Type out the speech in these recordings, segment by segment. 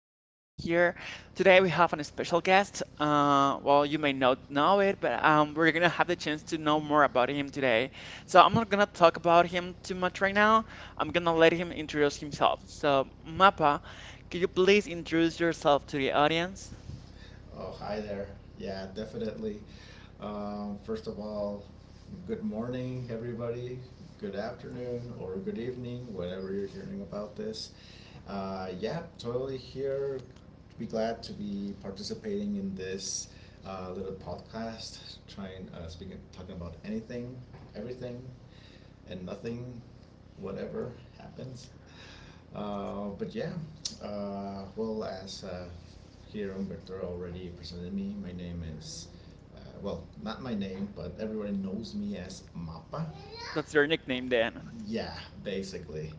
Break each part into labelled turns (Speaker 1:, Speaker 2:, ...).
Speaker 1: more time here. Today we have a special guest. Well, you may not know it, but we're gonna have the chance to know more about him today. So I'm not gonna talk about him too much right now. I'm gonna let him introduce himself. So Mappa, could you please introduce yourself to the audience?
Speaker 2: Oh, hi there. Yeah, definitely. Um, first of all, good morning, everybody. Good afternoon or good evening, whatever you're hearing about this. Yeah, totally here. Be glad to be participating in this little podcast, trying speaking, talking about anything, everything, and nothing, whatever happens. But yeah, well, as here Umberto already presented me. My name is, not my name, but everyone knows me as Mappa.
Speaker 1: That's your nickname then.
Speaker 2: Yeah, basically.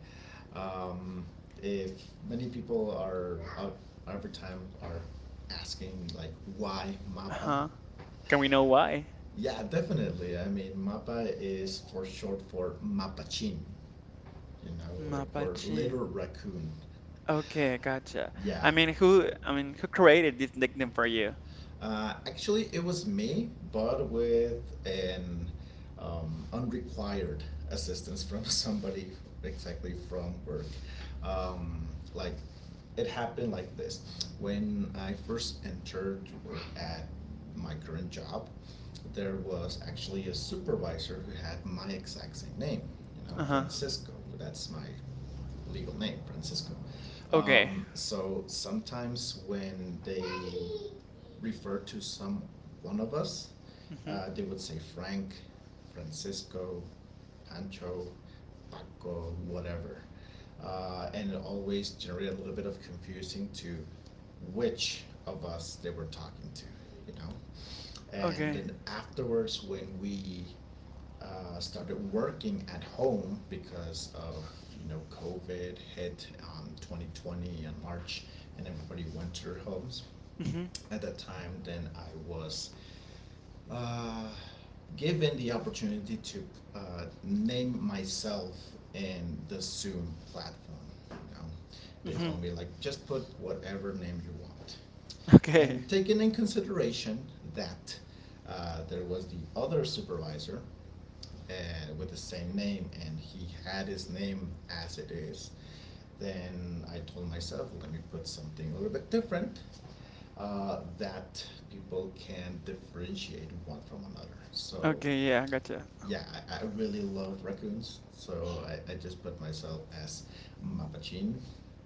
Speaker 2: Um, if many people are out every time are asking like why Mappa,
Speaker 1: Uh-huh. Can we know why?
Speaker 2: yeah, definitely. I mean, Mappa is for short for Mapachin, you know, like for
Speaker 1: Mapache.
Speaker 2: little raccoon.
Speaker 1: Okay, gotcha. I
Speaker 2: Yeah,
Speaker 1: mean, I mean, who created this nickname for you?
Speaker 2: Actually, it was me, but with an unrequired assistance from somebody exactly from work. Um, like it happened like this: when I first entered to work at my current job, there was actually a supervisor who had my exact same name. You know,
Speaker 1: Uh-huh.
Speaker 2: Francisco. That's my legal name, Francisco.
Speaker 1: Okay.
Speaker 2: So sometimes when they refer to some one of us,
Speaker 1: Mm-hmm.
Speaker 2: they would say Frank, Francisco, Pancho, Paco, whatever. And it always generated a little bit of confusing to which of us they were talking to, you know. And
Speaker 1: Okay.
Speaker 2: then afterwards, when we started working at home because of COVID hit on 2020 in March, and everybody went to their homes
Speaker 1: Mm-hmm.
Speaker 2: at that time, then I was uh, given the opportunity to name myself in the Zoom platform. You know, they
Speaker 1: Mm-hmm.
Speaker 2: told me like just put whatever name you want,
Speaker 1: Okay.
Speaker 2: and taking in consideration that there was the other supervisor with the same name and he had his name as it is, then I told myself, let me put something a little bit different that people can differentiate one from another. So
Speaker 1: Okay, yeah, gotcha.
Speaker 2: yeah, I really love raccoons, so I just put myself as Mapachin,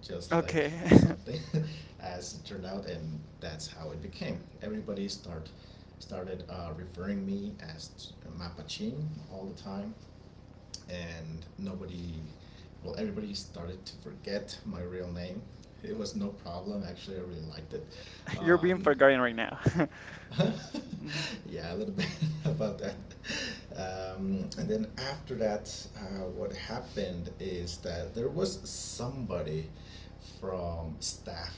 Speaker 2: just like
Speaker 1: Okay.
Speaker 2: something, as it turned out, and that's how it became. Everybody started referring me as Mapachin all the time, and nobody, well, everybody started to forget my real name. It was no problem. Actually, I really liked it.
Speaker 1: You're being
Speaker 2: Um,
Speaker 1: forgotten right now. N-
Speaker 2: yeah, a little bit about that. And then after that, what happened is that there was somebody from staff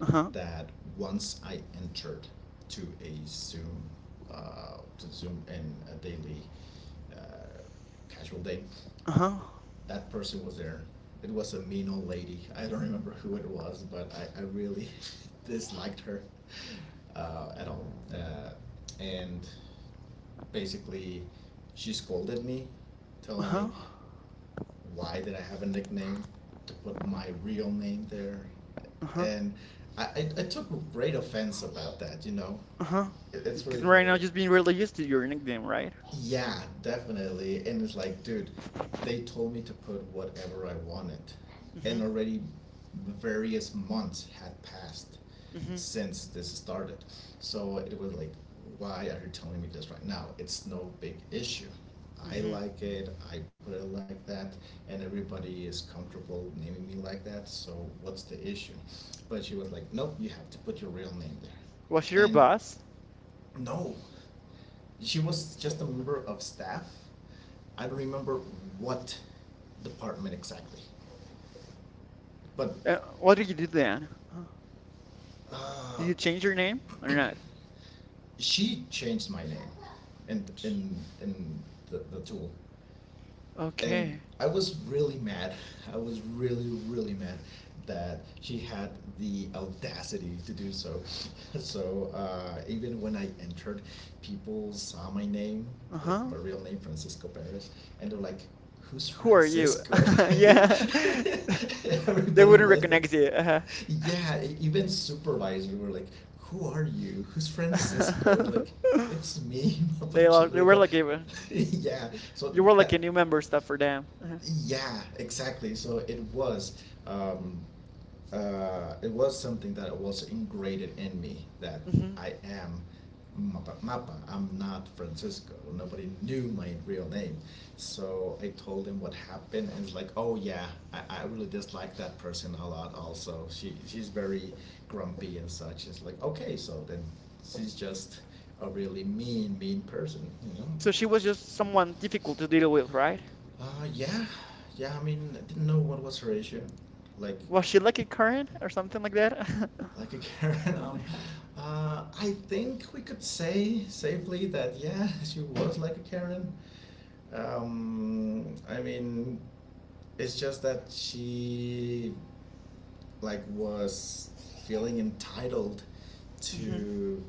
Speaker 1: Uh-huh.
Speaker 2: that once I entered to a Zoom, to Zoom in a daily uh, casual day,
Speaker 1: Uh-huh.
Speaker 2: that person was there. It was a mean old lady. I don't remember who it was, but I really disliked her at all. Uh, and basically, she scolded me, telling me
Speaker 1: Uh-huh.
Speaker 2: why did I have a nickname to put my real name there,
Speaker 1: Uh-huh.
Speaker 2: and I took great offense about that. You know,
Speaker 1: Uh-huh.
Speaker 2: it's
Speaker 1: Because
Speaker 2: really
Speaker 1: right
Speaker 2: funny.
Speaker 1: now just being really used to your nickname, right?
Speaker 2: Yeah, definitely. And it's like, dude, they told me to put whatever I wanted. And
Speaker 1: Mm-hmm.
Speaker 2: already various months had passed
Speaker 1: Mm-hmm.
Speaker 2: since this started. So it was like, why are you telling me this right now? It's no big issue. I
Speaker 1: Mm-hmm.
Speaker 2: like it, I put it like that, and everybody is comfortable naming me like that, so what's the issue? But she was like, nope, you have to put your real name
Speaker 1: Was she
Speaker 2: there.
Speaker 1: your
Speaker 2: And
Speaker 1: boss?
Speaker 2: no, she was just a member of staff. I don't remember what department exactly, but
Speaker 1: What did you do then? Uh, did
Speaker 2: uh,
Speaker 1: you change your name or not?
Speaker 2: she changed my name, in the tool. And
Speaker 1: Okay.
Speaker 2: I was really mad. I was really, really mad that she had the audacity to do so. So even when I entered, people saw my name, like
Speaker 1: Uh-huh.
Speaker 2: my real name, Francisco Perez, and they're like, "Who's
Speaker 1: Who are you?
Speaker 2: Francisco?"
Speaker 1: Yeah, they
Speaker 2: Everybody
Speaker 1: wouldn't
Speaker 2: was that.
Speaker 1: recognize you.
Speaker 2: Yeah, even supervisors were like, "Who are you? Who's Francisco?"
Speaker 1: Uh-huh.
Speaker 2: Like, it's me,
Speaker 1: They lo-
Speaker 2: Mapachi.
Speaker 1: they
Speaker 2: Like,
Speaker 1: were
Speaker 2: a,
Speaker 1: like a,
Speaker 2: yeah. So
Speaker 1: you were like a
Speaker 2: that
Speaker 1: new member stuff for them. Uh-huh.
Speaker 2: yeah, exactly. So it was something that was ingrained in me that
Speaker 1: Hmm.
Speaker 2: I am Mapa. Mapa. I'm not Francisco. Nobody knew my real name, so I told him what happened, and it's like, oh yeah, I really dislike that person a lot. Also, she's very grumpy and such. It's like, okay, so then she's just a really mean person, you know.
Speaker 1: So she was just someone difficult to deal with, right?
Speaker 2: Uh, yeah, yeah. I mean, I didn't know what was her issue, like,
Speaker 1: Was she like a Karen or something like that?
Speaker 2: like a Karen. I think we could say safely that yeah, she was like a Karen. I mean, it's just that she was feeling entitled
Speaker 1: hmm.
Speaker 2: to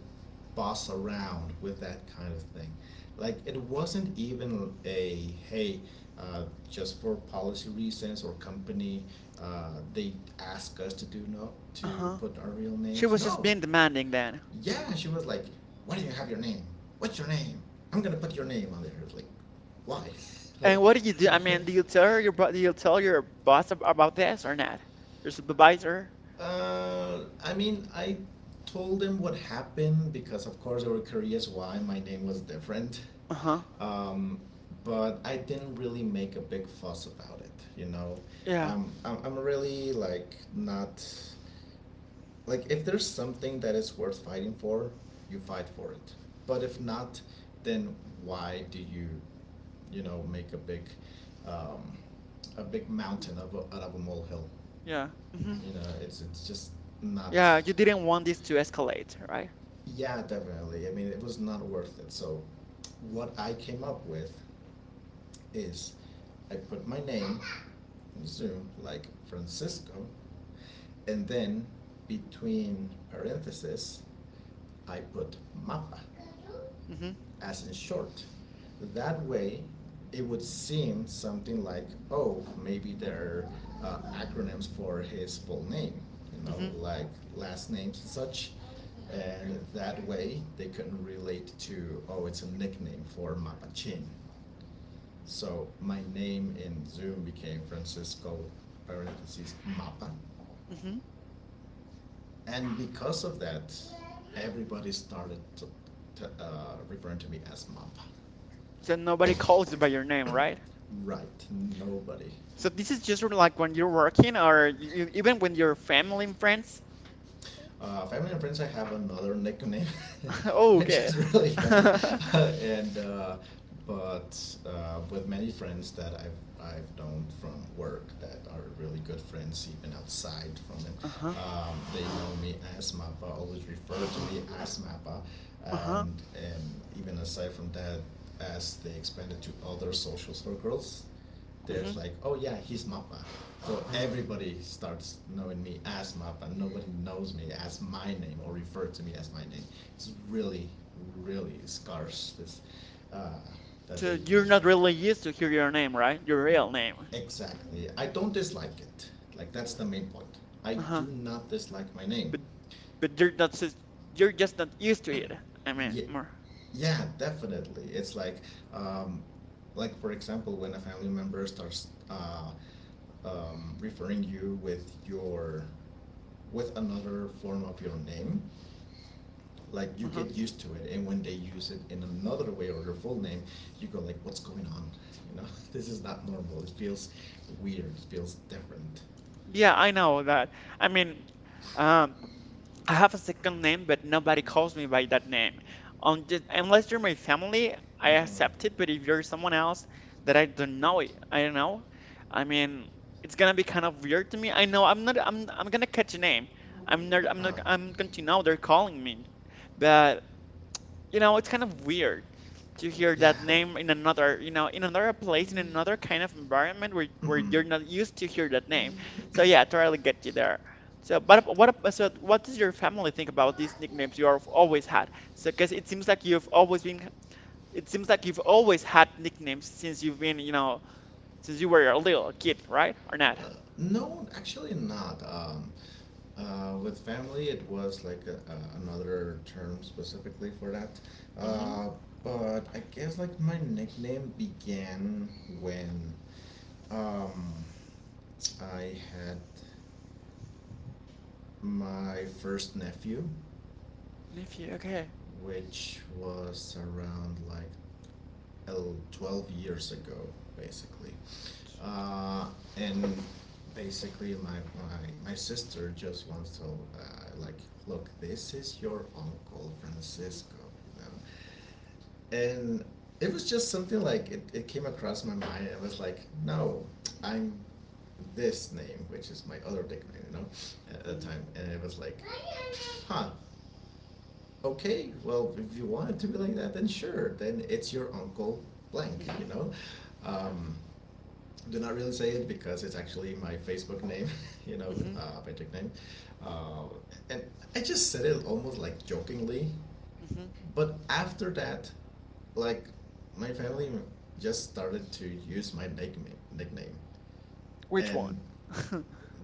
Speaker 2: boss around with that kind of thing. Like it wasn't even a hey, uh, just for policy reasons or company, they ask us to do no to
Speaker 1: Uh-huh.
Speaker 2: put our real
Speaker 1: She
Speaker 2: names.
Speaker 1: was just
Speaker 2: No,
Speaker 1: being demanding then.
Speaker 2: yeah,
Speaker 1: Uh.
Speaker 2: she was like, why do you have your name? What's your name? I'm gonna put your name on there. It's like, why? like,
Speaker 1: And what did you do? I mean, do you tell your boss about this or not? Your supervisor?
Speaker 2: I mean, I told them what happened because, of course, they were curious why my name was different.
Speaker 1: Uh-huh.
Speaker 2: Um, but I didn't really make a big fuss about it, you know.
Speaker 1: Yeah.
Speaker 2: Um, I'm really like not like if there's something that is worth fighting for, you fight for it. But if not, then why do you, you know, make um, a big mountain of a, out of a molehill?
Speaker 1: Yeah. Mhm.
Speaker 2: You know, it's just not.
Speaker 1: Yeah, you didn't want this to escalate, right?
Speaker 2: Yeah, definitely. I mean, it was not worth it. So, what I came up with is, I put my name in Zoom like Francisco, and then between parentheses, I put Mapa,
Speaker 1: Hmm.
Speaker 2: as in short. That way, it would seem something like, oh, maybe they're acronyms for his full name, you know,
Speaker 1: Hmm.
Speaker 2: like last names and such. And that way, they can relate to, oh, it's a nickname for Mapachin. So my name in Zoom became Francisco parentheses Mapa,
Speaker 1: Hmm.
Speaker 2: and because of that, everybody started referring to me as Mapa.
Speaker 1: So nobody calls you by your name, right?
Speaker 2: Right, nobody.
Speaker 1: So this is just like when you're working or even when you're family and friends.
Speaker 2: Family and friends, I have another nickname,
Speaker 1: Oh,
Speaker 2: which
Speaker 1: okay.
Speaker 2: is really funny, and but with many friends that I've known from work that are really good friends even outside from it.
Speaker 1: Uh-huh.
Speaker 2: They know me as Mappa, always refer to me as Mappa,
Speaker 1: Uh-huh.
Speaker 2: and even aside from that, as they expanded to other social circles, there's
Speaker 1: Hmm.
Speaker 2: like, oh yeah, he's Mappa. So everybody starts knowing me as Mappa. Nobody knows me as my name or refer to me as my name. It's really, really scarce this uh, that they
Speaker 1: So you're
Speaker 2: use
Speaker 1: not
Speaker 2: then.
Speaker 1: really used to hear your name, right? Your real name.
Speaker 2: Exactly. I don't dislike it. Like that's the main point. I do
Speaker 1: Uh-huh.
Speaker 2: not dislike my name.
Speaker 1: But but you're just not used to it. I mean,
Speaker 2: Yeah,
Speaker 1: more.
Speaker 2: yeah, definitely. It's like um, like for example when a family member starts referring you with your with another form of your name, like you
Speaker 1: Uh-huh.
Speaker 2: get used to it, and when they use it in another way or your full name, you go like what's going on, you know. This is not normal. It feels weird, it feels different.
Speaker 1: Yeah, I know that. I mean, um, I have a second name, but nobody calls me by that name. Unless you're my family, I
Speaker 2: Mm-hmm.
Speaker 1: accept it. But if you're someone else that I don't know, I don't know. I mean, it's gonna be kind of weird to me. I know I'm not. I'm gonna catch a name. I'm
Speaker 2: Uh-huh.
Speaker 1: not. I'm going to know they're calling me, but, it's kind of weird to hear
Speaker 2: Yeah.
Speaker 1: that name in another, in another place, in another kind of environment where
Speaker 2: Mm-hmm.
Speaker 1: you're not used to hear that name. So yeah, totally get you there. So, what does your family think about these nicknames you have always had? So, because it seems like you've always had nicknames since you've been, since you were a little kid, right? Or not?
Speaker 2: No, actually not. With family, it was like a, another term specifically for that.
Speaker 1: Mm-hmm.
Speaker 2: Uh, but I guess like my nickname began when um, I had my first nephew,
Speaker 1: Nephew. Okay.
Speaker 2: which was around like 12 years ago, basically. Uh, and Basically, my sister just wants to, like, look, this is your uncle
Speaker 1: Mm-hmm.
Speaker 2: Francisco, you know? And It was just something like it came across my mind. I was like, no, I'm this name, which is my other nickname, you know, at the
Speaker 1: Mm-hmm.
Speaker 2: time. And it was like, huh, okay, well, if you want it to be like that, then sure, then it's your uncle blank,
Speaker 1: Mm-hmm.
Speaker 2: you know. Um, do not really say it because it's actually my Facebook name, you know,
Speaker 1: Mm-hmm.
Speaker 2: Facebook name. Uh, and I just said it almost like jokingly,
Speaker 1: Mm-hmm.
Speaker 2: but after that, like my family just started to use my nickname,
Speaker 1: Which
Speaker 2: and
Speaker 1: one?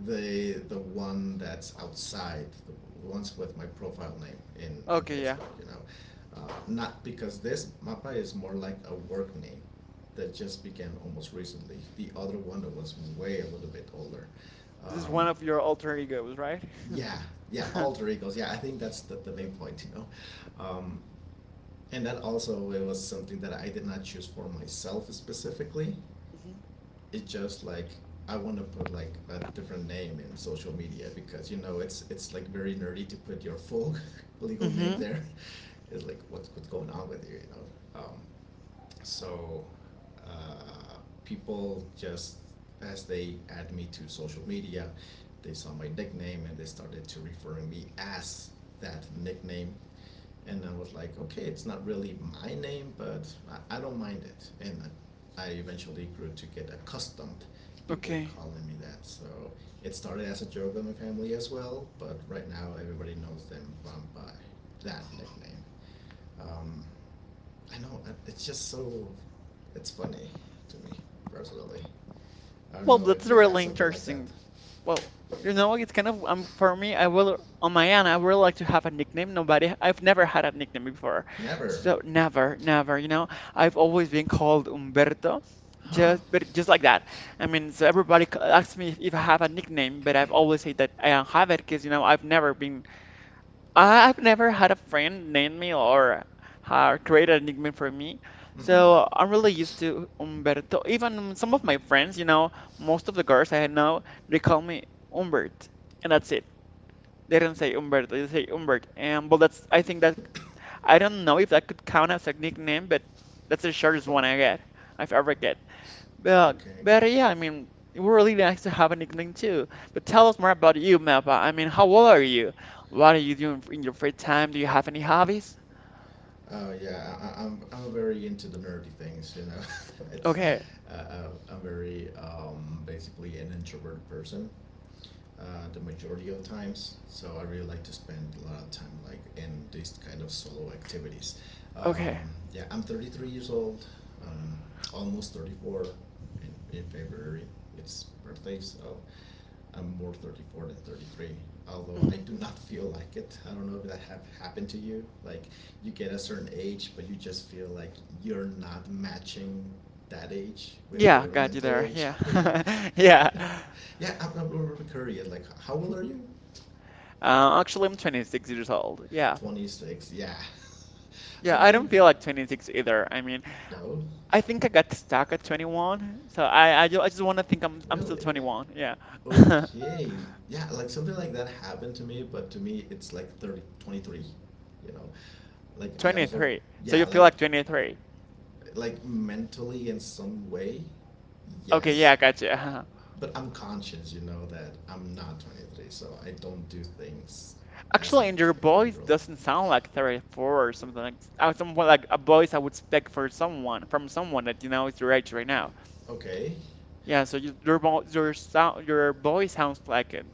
Speaker 2: the one that's outside the ones with my profile name in
Speaker 1: Okay, yeah.
Speaker 2: Facebook, you know. Not because this Mappa is more like a work name that just began almost recently, the other one that was way a little bit older.
Speaker 1: This is
Speaker 2: um,
Speaker 1: one of your alter egos, right?
Speaker 2: yeah, yeah, alter egos, yeah, I think that's the main point, you know. um, and that also it was something that I did not choose for myself specifically.
Speaker 1: Mhm.
Speaker 2: It's just like I want to put like a different name in social media because you know it's like very nerdy to put your full legal name
Speaker 1: Mm-hmm.
Speaker 2: there. It's like what's going on with you, you know. So uh, people just as they add me to social media, they saw my nickname and they started to referring me as that nickname, and I was like, okay, it's not really my name, but I don't mind it. And I eventually grew to get accustomed people
Speaker 1: Okay.
Speaker 2: calling me that. So it started as a joke in my family as well, but right now everybody knows them by that nickname. Um, I know it's just so, it's funny to me personally. I don't
Speaker 1: Well,
Speaker 2: know if
Speaker 1: that's
Speaker 2: you had
Speaker 1: really
Speaker 2: something like that.
Speaker 1: interesting. Well, it's kind of for me. I will on my end. I would like to have a nickname. Nobody. I've never had a nickname before,
Speaker 2: Never,
Speaker 1: so never, never. You know, I've always been called Umberto,
Speaker 2: huh?
Speaker 1: just like that. I mean, so everybody asks me if I have a nickname, but I've always said that I don't have it because I've never had a friend name me or create a nickname for me.
Speaker 2: Hmm.
Speaker 1: So I'm really used to Umberto. Even some of my friends, most of the girls I know, they call me Umbert, and that's it. They don't say Umberto, they say Umbert. And but that's I think that I don't know if that could count as a nickname, but that's the shortest one I get. I've ever get. But,
Speaker 2: Okay.
Speaker 1: but yeah, I mean, it would really nice to have a nickname too. But tell us more about you, Mappa. I mean, how old are you? What are you doing in your free time? Do you have any hobbies?
Speaker 2: Oh yeah, I'm I'm very into the nerdy things. You know, it's
Speaker 1: Okay,
Speaker 2: I'm very basically an introverted person. The majority of times, so I really like to spend a lot of time like in these kind of solo activities.
Speaker 1: okay.
Speaker 2: Yeah, I'm 33 years old, um, almost 34 in February. It's birthday, so I'm more 34 than 33, although I
Speaker 1: Hmm.
Speaker 2: do not feel like it. I don't know if that have happened to you. Like you get a certain age, but you just feel like you're not matching that age with
Speaker 1: Yeah,
Speaker 2: your
Speaker 1: got you
Speaker 2: mental
Speaker 1: there.
Speaker 2: age. You know?
Speaker 1: Yeah, yeah.
Speaker 2: Yeah, I'm really curious. Like, how old are you?
Speaker 1: Actually, I'm 26 years old. Yeah,
Speaker 2: 26. Yeah. I
Speaker 1: yeah. I don't
Speaker 2: mean,
Speaker 1: feel like 26 either. I mean,
Speaker 2: no,
Speaker 1: I think I got stuck at 21, so I just want to think I'm still
Speaker 2: really.
Speaker 1: 21. Yeah,
Speaker 2: Okay, yeah, like something like that happened to me, but to me it's like 30, 23, you know, like I also,
Speaker 1: 23. So
Speaker 2: yeah,
Speaker 1: you feel
Speaker 2: like
Speaker 1: like 23?
Speaker 2: like mentally in some way,
Speaker 1: Okay, yeah,
Speaker 2: yes.
Speaker 1: I got you.
Speaker 2: But I'm conscious, you know, that I'm not 23, so I don't do things as a
Speaker 1: Actually, and your
Speaker 2: 23
Speaker 1: voice
Speaker 2: year old.
Speaker 1: doesn't sound like 34 or something like someone like a voice I would expect for someone from someone that you know is your age right now.
Speaker 2: Okay,
Speaker 1: Yeah, so your voice sounds like a,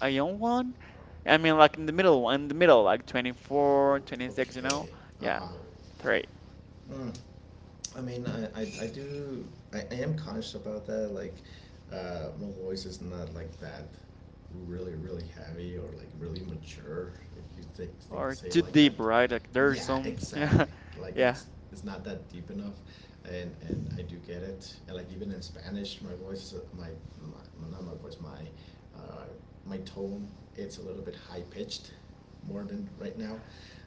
Speaker 1: a young one. I mean, like in the middle, like 24, 26. You know?
Speaker 2: okay.
Speaker 1: Yeah,
Speaker 2: Uh-huh.
Speaker 1: three
Speaker 2: Mm. I mean, I do, I am conscious about that. Like, my voice is not like that really, really heavy or like really mature, if you think
Speaker 1: or
Speaker 2: say it
Speaker 1: too
Speaker 2: like that.
Speaker 1: deep, right? Like there's
Speaker 2: Yeah,
Speaker 1: some, yeah,
Speaker 2: exactly. Like if
Speaker 1: yeah.
Speaker 2: it's it's not that deep enough, and I do get it. And like even in Spanish, my voice, not my voice, my uh, my tone, it's a little bit high pitched, more than right now.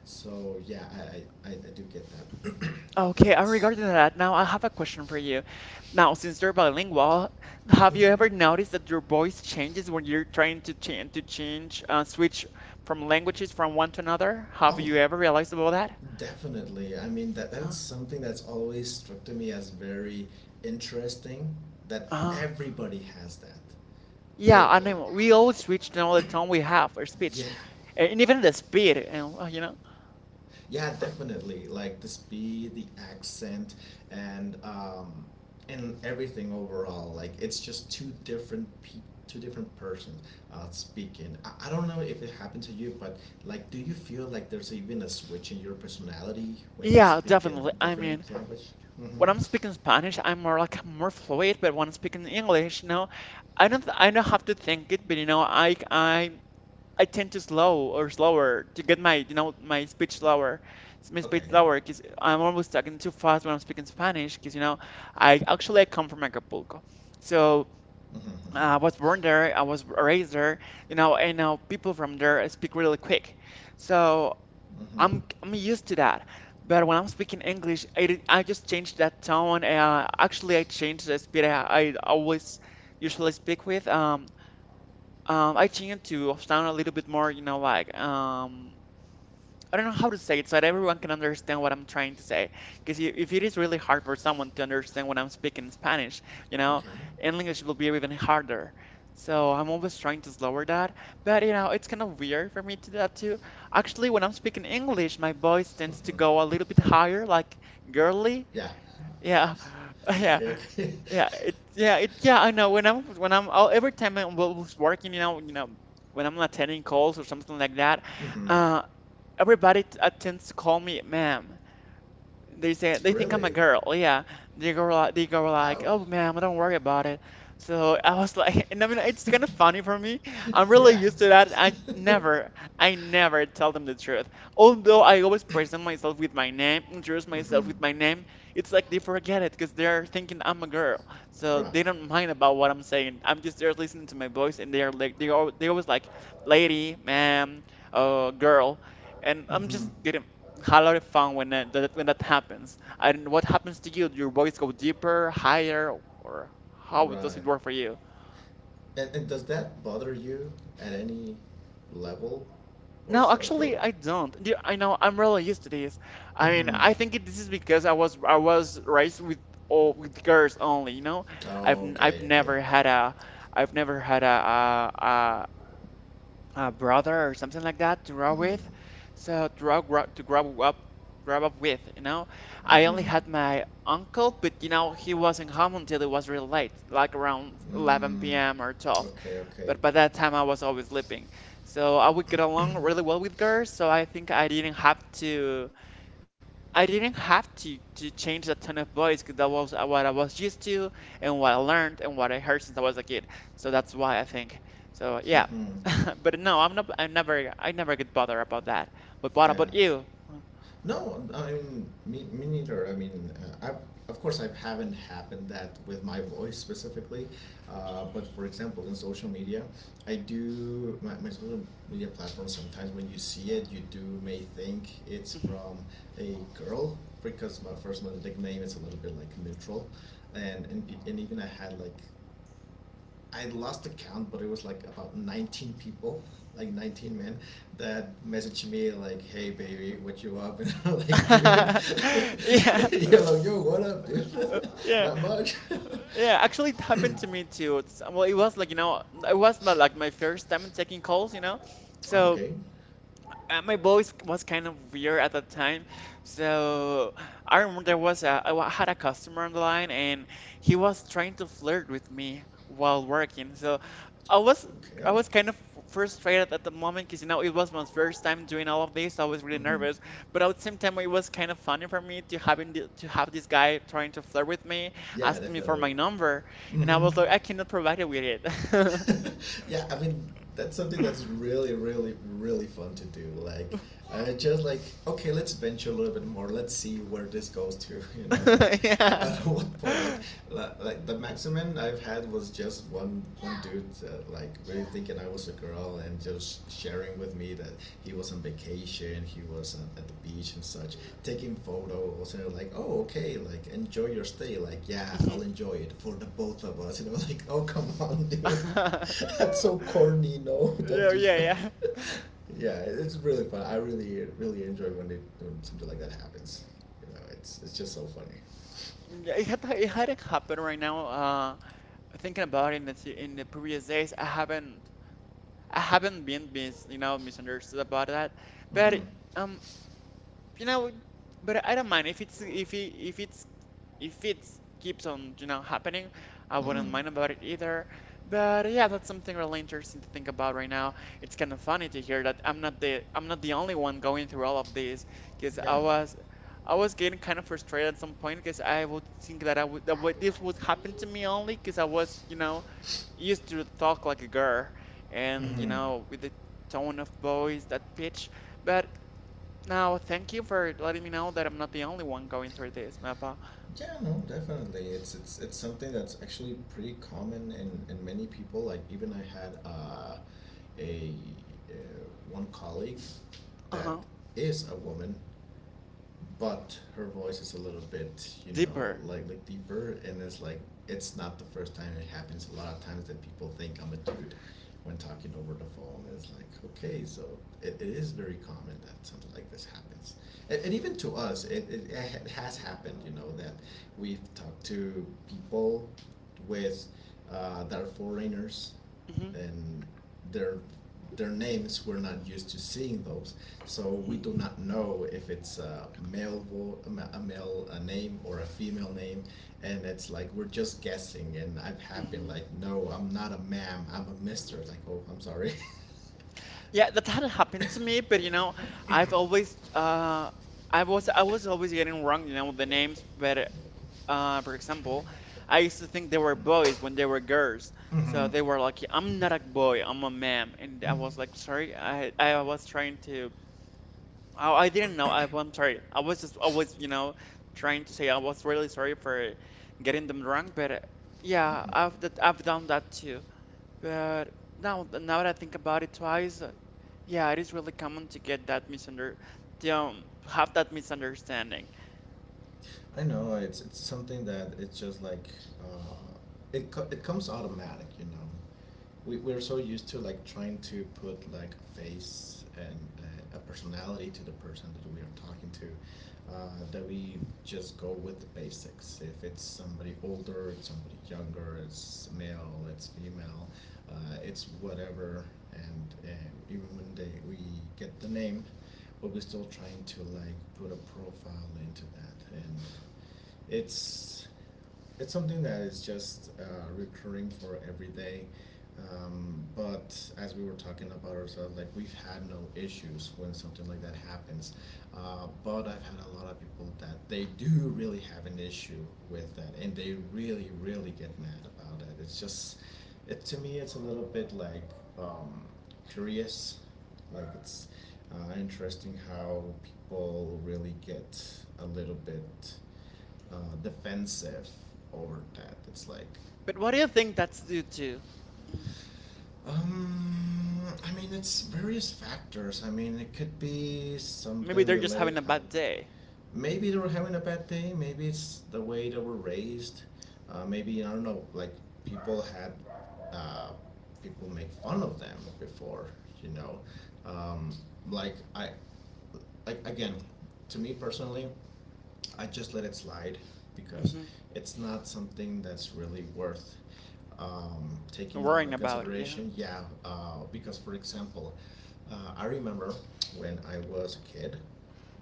Speaker 2: So yeah, I do get that,
Speaker 1: Okay, and
Speaker 2: but.
Speaker 1: regarding that, now I have a question for you. Now, since you're bilingual, have you
Speaker 2: Mhm.
Speaker 1: ever noticed that your voice changes when you're trying to change switch from languages from one to another? Have
Speaker 2: Oh,
Speaker 1: you ever realized about that?
Speaker 2: definitely. I mean that
Speaker 1: Uh,
Speaker 2: that's something that's always struck to me as very interesting, that
Speaker 1: uh,
Speaker 2: everybody has that.
Speaker 1: yeah,
Speaker 2: They,
Speaker 1: I know. We always switch now the tone we have or
Speaker 2: yeah,
Speaker 1: speech, and even the speed. And
Speaker 2: yeah, definitely. Like the speed, the accent, and um, and everything overall. Like it's just two different persons speaking. I don't know if it happened to you, but like, do you feel like there's even a switch in your personality when you
Speaker 1: yeah,
Speaker 2: speak in
Speaker 1: definitely. I mean,
Speaker 2: different language? Mm-hmm.
Speaker 1: when I'm speaking Spanish, I'm more fluid, but when I'm speaking English, no, I don't have to think it, but I tend to slow or slower to get my my speech
Speaker 2: Okay.
Speaker 1: slower because I'm always talking too fast when I'm speaking Spanish because I come from Acapulco, so
Speaker 2: Mm-hmm. Mm-hmm.
Speaker 1: I was born there, I was raised there, and now people from there speak really quick, so
Speaker 2: Mm-hmm.
Speaker 1: I'm used to that. But when I'm speaking English, I just changed that tone. Actually, I changed the speed I always usually speak with. I changed to sound a little bit more, like I don't know how to say it so that everyone can understand what I'm trying to say. Because if it is really hard for someone to understand when I'm speaking Spanish, you know,
Speaker 2: Okay.
Speaker 1: English will be even harder. So I'm always trying to lower that. But, it's kind of weird for me to do that too. Actually, when I'm speaking English, my voice tends to
Speaker 2: Mm-hmm.
Speaker 1: go a little bit higher, like girly.
Speaker 2: Yeah.
Speaker 1: Yeah, yeah,
Speaker 2: Okay, okay.
Speaker 1: yeah. It, yeah, it, yeah. I know, every time I was working, when I'm attending calls or something like that,
Speaker 2: mm-hmm.
Speaker 1: uh, everybody tends to call me ma'am. They say they think I'm a
Speaker 2: Really?
Speaker 1: girl. Yeah, they go like,
Speaker 2: Wow.
Speaker 1: "Oh, ma'am, don't worry about it." So I was like, and I mean, it's kind of funny for me. I'm really
Speaker 2: Yeah.
Speaker 1: used to that. I never tell them the truth. Although I always present myself with my name, introduce myself
Speaker 2: Mm-hmm.
Speaker 1: with my name. It's like they forget it because they're thinking I'm a girl, so
Speaker 2: Right.
Speaker 1: they don't mind about what I'm saying. I'm just there listening to my voice, and they always like, "Lady, ma'am, oh, girl," and I'm
Speaker 2: Mm-hmm.
Speaker 1: just didn't had a lot of fun when that, that when that happens. And what happens to you? Do your voice go deeper, higher, or how does
Speaker 2: Right.
Speaker 1: it work for you?
Speaker 2: And does that bother you at any level or
Speaker 1: No,
Speaker 2: such
Speaker 1: actually,
Speaker 2: or?
Speaker 1: I don't. I know I'm really used to this. I mean,
Speaker 2: Mm-hmm.
Speaker 1: this is because I was raised with girls only. You know,
Speaker 2: Oh,
Speaker 1: I've
Speaker 2: okay, okay.
Speaker 1: never had a brother or something like that to grow
Speaker 2: Mm-hmm.
Speaker 1: with. So to grow up with. I only
Speaker 2: Mm-hmm.
Speaker 1: had my uncle, but he wasn't home until it was really late, like around 11
Speaker 2: Mm.
Speaker 1: p.m. or 12.
Speaker 2: Okay,
Speaker 1: But
Speaker 2: okay.
Speaker 1: by that time I was always sleeping, so I would get along really well with girls. So I think I didn't have to. I didn't have to change the tone of voice because that was what I was used to and what I learned and what I heard since I was a kid. So that's why I think. So yeah,
Speaker 2: Mm-hmm.
Speaker 1: but no, I'm not. I never get bothered about that. But what
Speaker 2: Yeah.
Speaker 1: about you?
Speaker 2: No, I mean, me neither. I mean, uh, I've, of course, I haven't happened that with my voice specifically, but for example, in social media, I do my social media platform. Sometimes when you see it, you do may think it's
Speaker 1: Hmm.
Speaker 2: from a girl because my nickname is a little bit like neutral, and even I had like I lost the count, but it was like about 19 people, like 19 men, that messaged me like, "Hey, baby, what you up?" And I'm like, "Dude,
Speaker 1: yeah,
Speaker 2: yeah, like, yo, what up, dude?
Speaker 1: yeah,
Speaker 2: Not much."
Speaker 1: yeah. Actually, it happened to me too. Well, it was like like my first time taking calls. So
Speaker 2: Okay,
Speaker 1: my voice was kind of weird at that time. So I remember there was a, I wa- had a customer on the line and he was trying to flirt with me while working. So I was I
Speaker 2: okay,
Speaker 1: was kind of frustrated at the moment because you know it was my first time doing all of this. So I was really
Speaker 2: hmm,
Speaker 1: nervous, but at the same time it was kind of funny for me to have this guy trying to flirt with me,
Speaker 2: yeah,
Speaker 1: asking me for
Speaker 2: definitely.
Speaker 1: my number, and I
Speaker 2: Hmm.
Speaker 1: was like, I cannot provide you with it.
Speaker 2: Yeah, I mean, that's something that's really, really, really fun to do. Like, I just like, okay, let's venture a little bit more. Let's see where this goes to. You know, like
Speaker 1: Yeah.
Speaker 2: at what point, like like the maximum I've had was just one dude like really thinking I was a girl and just sharing with me that he was on vacation. He was at the beach and such, taking photos. And like, oh, okay, like enjoy your stay. Like, yeah, I'll enjoy it for the both of us. You know, like, oh, come on, dude, that's so
Speaker 1: Mhm.
Speaker 2: corny. No, don't
Speaker 1: Yeah,
Speaker 2: do so.
Speaker 1: yeah, yeah.
Speaker 2: Yeah, it- it's really fun. I really, really enjoy when they when something like that happens. You know, it's just so funny.
Speaker 1: Yeah, it hadn't happened right now. Thinking about it in the previous days, I haven't been misunderstood about that.
Speaker 2: Mhm.
Speaker 1: But um, you know but I don't mind if it's if it keeps on happening. I
Speaker 2: Mhm.
Speaker 1: wouldn't mind about it either. But yeah, that's something really interesting to think about right now. It's kind of funny to hear that I'm not the only one going through all of this, because
Speaker 2: Yeah.
Speaker 1: I was getting kind of frustrated at some point because I would think that I would that would- this would happen to me only because I was, you know, used to talk like a girl and, you
Speaker 2: Mhm.
Speaker 1: know, with the tone of voice, that pitch. But now, thank you for letting me know that I'm not the only one going through this, Mappa.
Speaker 2: Yeah, no, definitely. It's something that's actually pretty common in many people. Like even I had a uh, one colleague that
Speaker 1: Uh-huh.
Speaker 2: is a woman, but her voice is a little bit, you know,
Speaker 1: Deeper.
Speaker 2: like deeper, and it's like it's not the first time it happens. A lot of times that people think I'm a dude when talking over the phone. It's like, okay, so it is very common that something like this happens, and even to us, it has happened. You know, that we've talked to people with that are foreigners,
Speaker 1: hmm
Speaker 2: and their their names we're not used to seeing those, so we do
Speaker 1: hmm
Speaker 2: not know if it's a male vo- a ma- a male a name or a female name. And it's like we're just guessing, and I've had been
Speaker 1: hmm
Speaker 2: like, no, I'm not a ma'am, I'm a mister. Like, oh, I'm sorry.
Speaker 1: Yeah, that had happened to me, but you know, I've always uh I was always getting wrong, you know, the names, but for example, I used to think they were boys when they were girls. So
Speaker 2: Mm-hmm.
Speaker 1: they were like, I'm not a boy, I'm a man. And I
Speaker 2: Mm-hmm.
Speaker 1: was like, sorry, I was trying to— Oh, I didn't know. I'm sorry. I was just, you know, trying to say I was really sorry for getting them wrong, but yeah, I've done that too. But now, now that I think about it twice, yeah, it is really common to get that misunder, to have that misunderstanding.
Speaker 2: I know, it's something that it's just like, uh, it it comes automatic, you know. We're so used to like trying to put like a face and a personality to the person that we are talking to, that we just go with the basics. If it's somebody older, it's somebody younger, it's male, it's female, it's whatever. And even when they we get the name, but we're still trying to like put a profile into that. And it's it's something that is just recurring for every day. But as we were talking about ourselves, like we've had no issues when something like that happens. But I've had a lot of people that they do really have an issue with that, and they really, really get mad about it. It's just, it to me, it's a little bit like um, curious, like it's interesting how people really get a little bit defensive over that. It's like,
Speaker 1: But what do you think that's due to? Mm,
Speaker 2: I mean, it's various factors. I mean, it could be
Speaker 1: Maybe
Speaker 2: something
Speaker 1: they're just
Speaker 2: related
Speaker 1: having a
Speaker 2: how,
Speaker 1: bad day.
Speaker 2: maybe they were having a bad day. Maybe it's the way they were raised. Maybe I don't know. Like people had, uh, people make fun of them before. You know, um, like I, like again, to me personally, I just let it slide because
Speaker 1: Hmm
Speaker 2: it's not something that's really worth taking a lot
Speaker 1: Worrying
Speaker 2: of
Speaker 1: about it. Yeah.
Speaker 2: consideration. Yeah, because for example, I remember when I was a kid,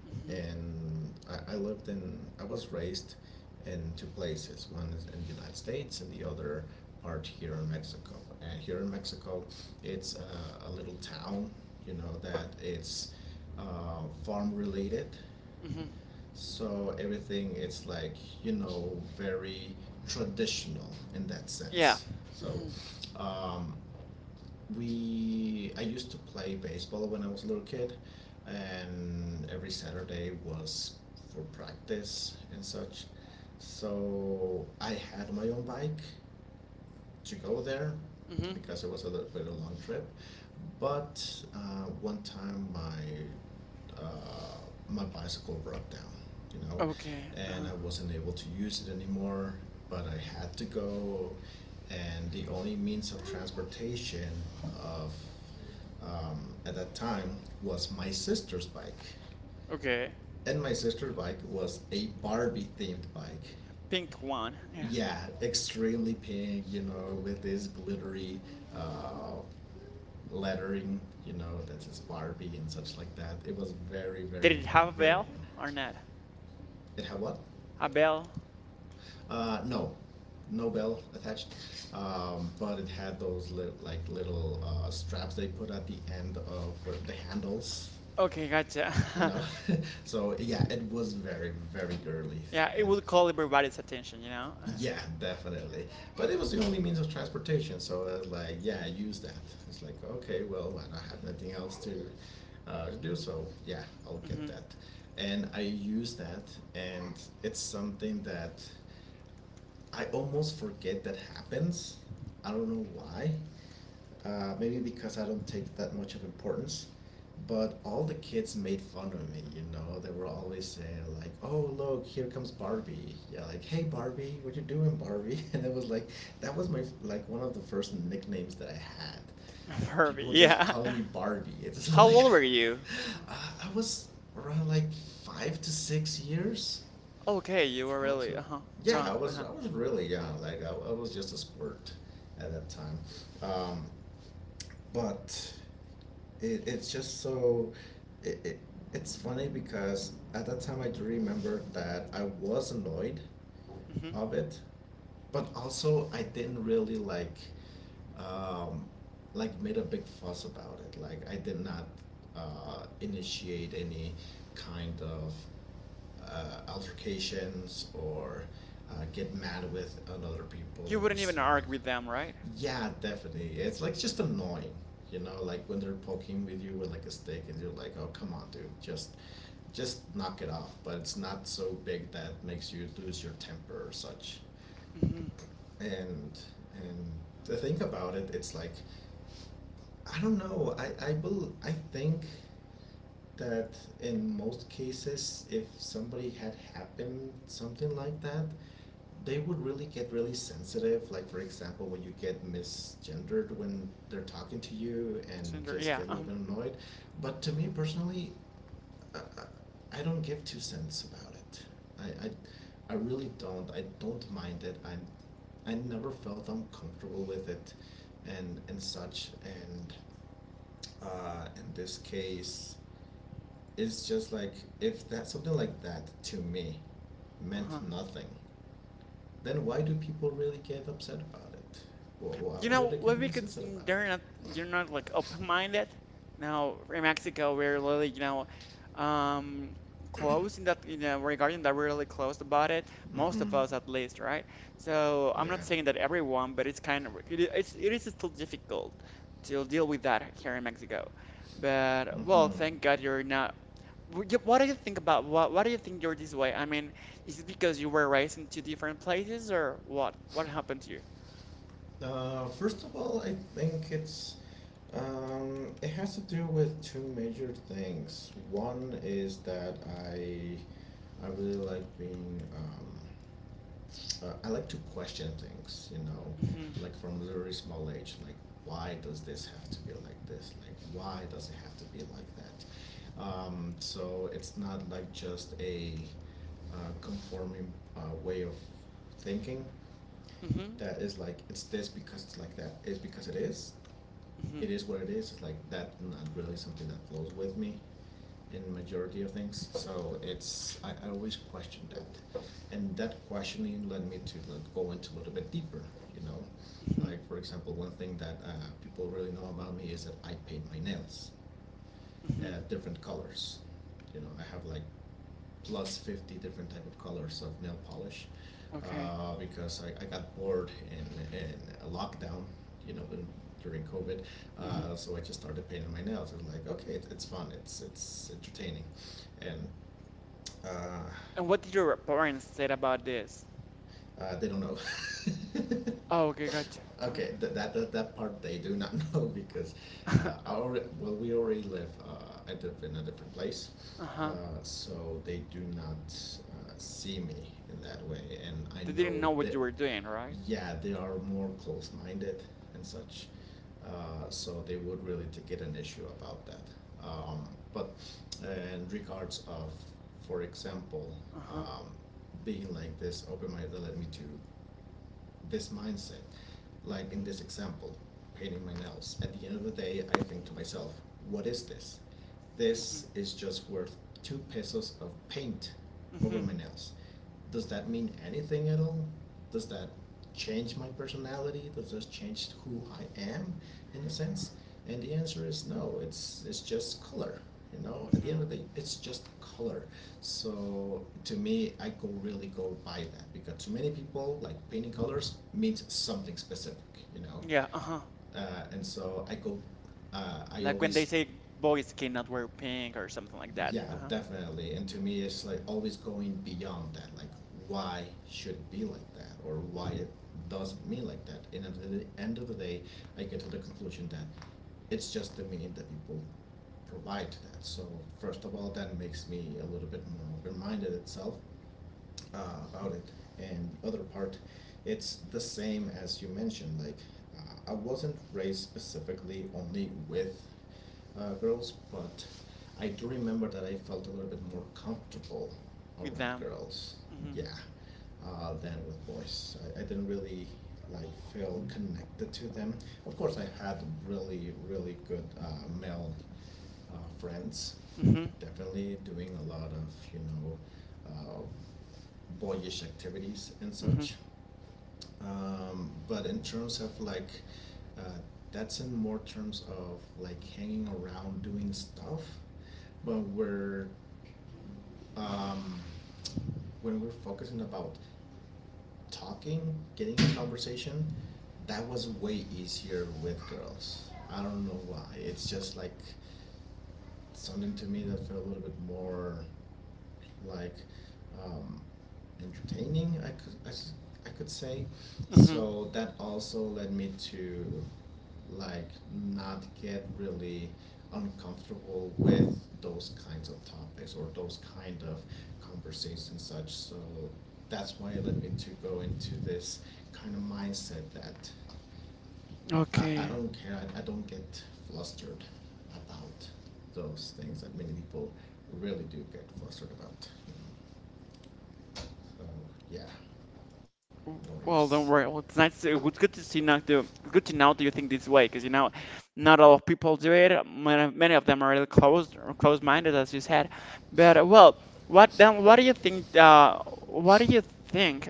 Speaker 1: hmm
Speaker 2: and I was raised in two places. One is in the United States, and the other part here in Mexico. And here in Mexico, it's a little town, you know, that it's farm related,
Speaker 1: hmm
Speaker 2: so everything it's like, you know, very traditional in that
Speaker 1: Yeah.
Speaker 2: sense. So
Speaker 1: hmm
Speaker 2: um, we I used to play baseball when I was a little kid, and every Saturday was for practice and such. So I had my own bike to go there
Speaker 1: hmm
Speaker 2: because it was a very long trip. But one time uh, my bicycle broke down, you know,
Speaker 1: Okay.
Speaker 2: and I wasn't able to use it anymore. But I had to go, and the only means of transportation of at that time was my sister's bike,
Speaker 1: Okay.
Speaker 2: and my sister's bike was a Barbie themed bike.
Speaker 1: Pink one. Yeah.
Speaker 2: Yeah, extremely pink, you know, with this glittery uh, lettering, you know, that is Barbie and such like that. It was very,
Speaker 1: Did
Speaker 2: very,
Speaker 1: it have a
Speaker 2: very.
Speaker 1: bell or not?
Speaker 2: It had what?
Speaker 1: A bell?
Speaker 2: No, no bell attached, but it had those like little straps they put at the end of the handles,
Speaker 1: Okay, gotcha.
Speaker 2: you know. So yeah, it was very, very girly,
Speaker 1: Yeah, it
Speaker 2: and
Speaker 1: would call everybody's attention, you know?
Speaker 2: yeah, definitely. But it was the only means of transportation, so I was like, yeah, I use that. It's like, okay, well, I don't have nothing else to do, so yeah, I'll get
Speaker 1: Hmm
Speaker 2: that. And I use that, and it's something that I almost forget that happens. I don't know why, maybe because I don't take that much of importance. But all the kids made fun of me, you know. They were always saying like, "Oh, look, here comes Barbie." Yeah, like, "Hey, Barbie, what you doing, Barbie?" And it was like, that was my like one of the first nicknames that I had. That
Speaker 1: Furby,
Speaker 2: people just
Speaker 1: yeah.
Speaker 2: call me Barbie. It's
Speaker 1: How
Speaker 2: like,
Speaker 1: old were you?
Speaker 2: I was around like 5 to 6 years,
Speaker 1: Okay, you were really,
Speaker 2: approximately.
Speaker 1: uh-huh,
Speaker 2: Yeah,
Speaker 1: young, uh-huh.
Speaker 2: I was really young. Like I was just a squirt at that time. Um, but it, it's just so it, it, it's funny because at that time I do remember that I was annoyed
Speaker 1: hmm
Speaker 2: of it, but also I didn't really like um, made a big fuss about it. Like I did not initiate any kind of altercations or get mad with another people
Speaker 1: You
Speaker 2: or
Speaker 1: wouldn't even
Speaker 2: something. Like,
Speaker 1: argue with them, right?
Speaker 2: yeah, definitely. It's like just annoying, you know, like when they're poking with you with like a stick and you're like, "Oh, come on, dude. Just knock it off." But it's not so big that makes you lose your temper or such.
Speaker 1: Mm-hmm.
Speaker 2: And and to think about it, it's like I don't know. I think that in most cases, if somebody had happened something like that, they would really get really sensitive. Like for example, when you get misgendered when they're talking to you, and
Speaker 1: Cinder,
Speaker 2: just get a little bit annoyed. But to me personally, I, I don't give two cents about it. I, I I really don't. I don't mind it. I never felt uncomfortable with it, and such. And in this case, it's just like if that something like that to me
Speaker 1: uh-huh.
Speaker 2: meant nothing, then why do people really get upset about it? Why, why,
Speaker 1: You
Speaker 2: why do
Speaker 1: know,
Speaker 2: they get
Speaker 1: maybe
Speaker 2: really
Speaker 1: because
Speaker 2: sensitive about
Speaker 1: they're not
Speaker 2: it?
Speaker 1: you're not like open-minded. Now, in Mexico, we're really, you know, um, close in that, you know, regarding that we're really close about it. Most
Speaker 2: Mm-hmm.
Speaker 1: of us, at least, right? So I'm not
Speaker 2: Yeah.
Speaker 1: saying that everyone, but it's kind of it, it's it is still difficult to deal with that here in Mexico. But
Speaker 2: Mm-hmm.
Speaker 1: well, thank God you're not. What do you think about what? Why do you think you're this way? I mean, is it because you were raised in two different places, or what? What happened to you?
Speaker 2: First of all, I think it has to do with two major things. One is that I I really like being I like to question things, you know,
Speaker 1: Hmm
Speaker 2: like from a very small age, like why does this have to be like this? Like why does it have to be like that? So it's not like just a conforming way of thinking
Speaker 1: hmm
Speaker 2: that is like it's this because it's like that is because
Speaker 1: hmm
Speaker 2: it is what it is. It's like that not really something that flows with me in majority of things. So I always question that, and that questioning led me to like, go into a little bit deeper. You know,
Speaker 1: hmm
Speaker 2: like for example, one thing that people really know about me is that I paint my nails,
Speaker 1: hmm
Speaker 2: different colors. You know, I have like plus 50 different type of colors of nail polish
Speaker 1: Okay.
Speaker 2: because I got bored in a lockdown, you know, during COVID.
Speaker 1: hmm
Speaker 2: So I just started painting my nails. I was like, okay, it's fun, it's entertaining. And uh,
Speaker 1: And what did your parents say about this?
Speaker 2: they don't know.
Speaker 1: Oh, okay, gotcha.
Speaker 2: Okay, that part they do not know because
Speaker 1: Uh-huh.
Speaker 2: I already, I live in a different place.
Speaker 1: Uh-huh.
Speaker 2: So they do not see me in that way. And I
Speaker 1: They didn't
Speaker 2: know
Speaker 1: know what
Speaker 2: that,
Speaker 1: you were doing, right?
Speaker 2: yeah, they are more close minded and such. So they would really to get an issue about that. Um, but in regards of, for example,
Speaker 1: Uh-huh.
Speaker 2: um, being like this open minded let me to this mindset, like in this example, painting my nails, at the end of the day, I think to myself, what is this?
Speaker 1: hmm
Speaker 2: This is just worth 2 pesos of paint over my
Speaker 1: hmm
Speaker 2: nails, does that mean anything at all? Does that change my personality? Does that change who I am in a sense? And the answer is no. It's just color. You know, at the
Speaker 1: hmm
Speaker 2: end of the day, it's just color. So to me, I go really go by that because to many people, like painting colors means something specific. You know,
Speaker 1: Yeah, uh-huh.
Speaker 2: and so I go. I
Speaker 1: Like when they
Speaker 2: always
Speaker 1: say boys cannot wear pink or something like that.
Speaker 2: yeah,
Speaker 1: Uh-huh.
Speaker 2: definitely. And to me it's like always going beyond that, like why should it be like that or why
Speaker 1: hmm
Speaker 2: it doesn't mean like that, and at the end of the day I get to the conclusion that it's just the meaning that people provide to that. So first of all, that makes me a little bit more open-minded itself about it. And the other part, it's the same as you mentioned. Like, I wasn't raised specifically only with girls, but I do remember that I felt a little bit more comfortable
Speaker 1: With
Speaker 2: around
Speaker 1: them.
Speaker 2: girls.
Speaker 1: Hmm
Speaker 2: Yeah, than with boys. I didn't really like feel connected to them. Of course, I had really, really good male friends.
Speaker 1: hmm
Speaker 2: Definitely doing a lot of, you know, uh, boyish activities and
Speaker 1: hmm
Speaker 2: such. But in terms of like, uh, that's in more terms of like hanging around doing stuff. But we're um, when we're focusing about talking, getting a conversation, that was way easier with girls. I don't know why. It's just like something to me that felt a little bit more like um, entertaining. I could say,
Speaker 1: hmm
Speaker 2: so that also led me to like not get really uncomfortable with those kinds of topics or those kind of conversations such. So that's why it led me to go into this kind of mindset that I
Speaker 1: Okay.
Speaker 2: don't care. I don't get flustered about those things that many people really do get flustered about. You know. So yeah, more or
Speaker 1: Well,
Speaker 2: less.
Speaker 1: don't worry. Well, it's nice. It's good to see now. It's good to know that you think this way, because you know, not a lot of people do it. Many, many of them are really closed or closed-minded, as you said. But well, what then? What do you think? What do you think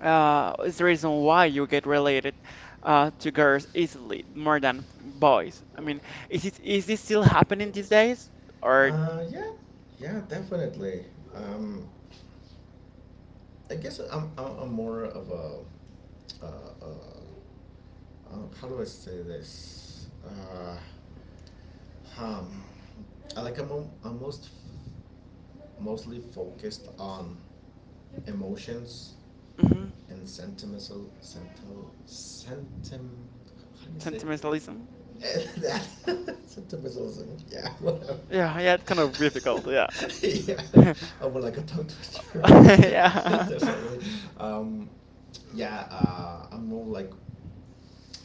Speaker 1: is the reason why you get related to girls easily more than boys? I mean, is this still happening these days, or—
Speaker 2: Yeah, yeah, definitely. Um, I guess I'm more of a, uh, how do I say this? Um, I like I'm mostly focused on emotions
Speaker 1: mhm,
Speaker 2: and sentimental, sentil, sentim. How do you say?
Speaker 1: sentimentalism?
Speaker 2: That Septemberism, yeah, whatever.
Speaker 1: Yeah, yeah, it's kind of difficult. Yeah,
Speaker 2: Yeah, I would like a tongue twister,
Speaker 1: yeah.
Speaker 2: definitely. Um, yeah, I'm more like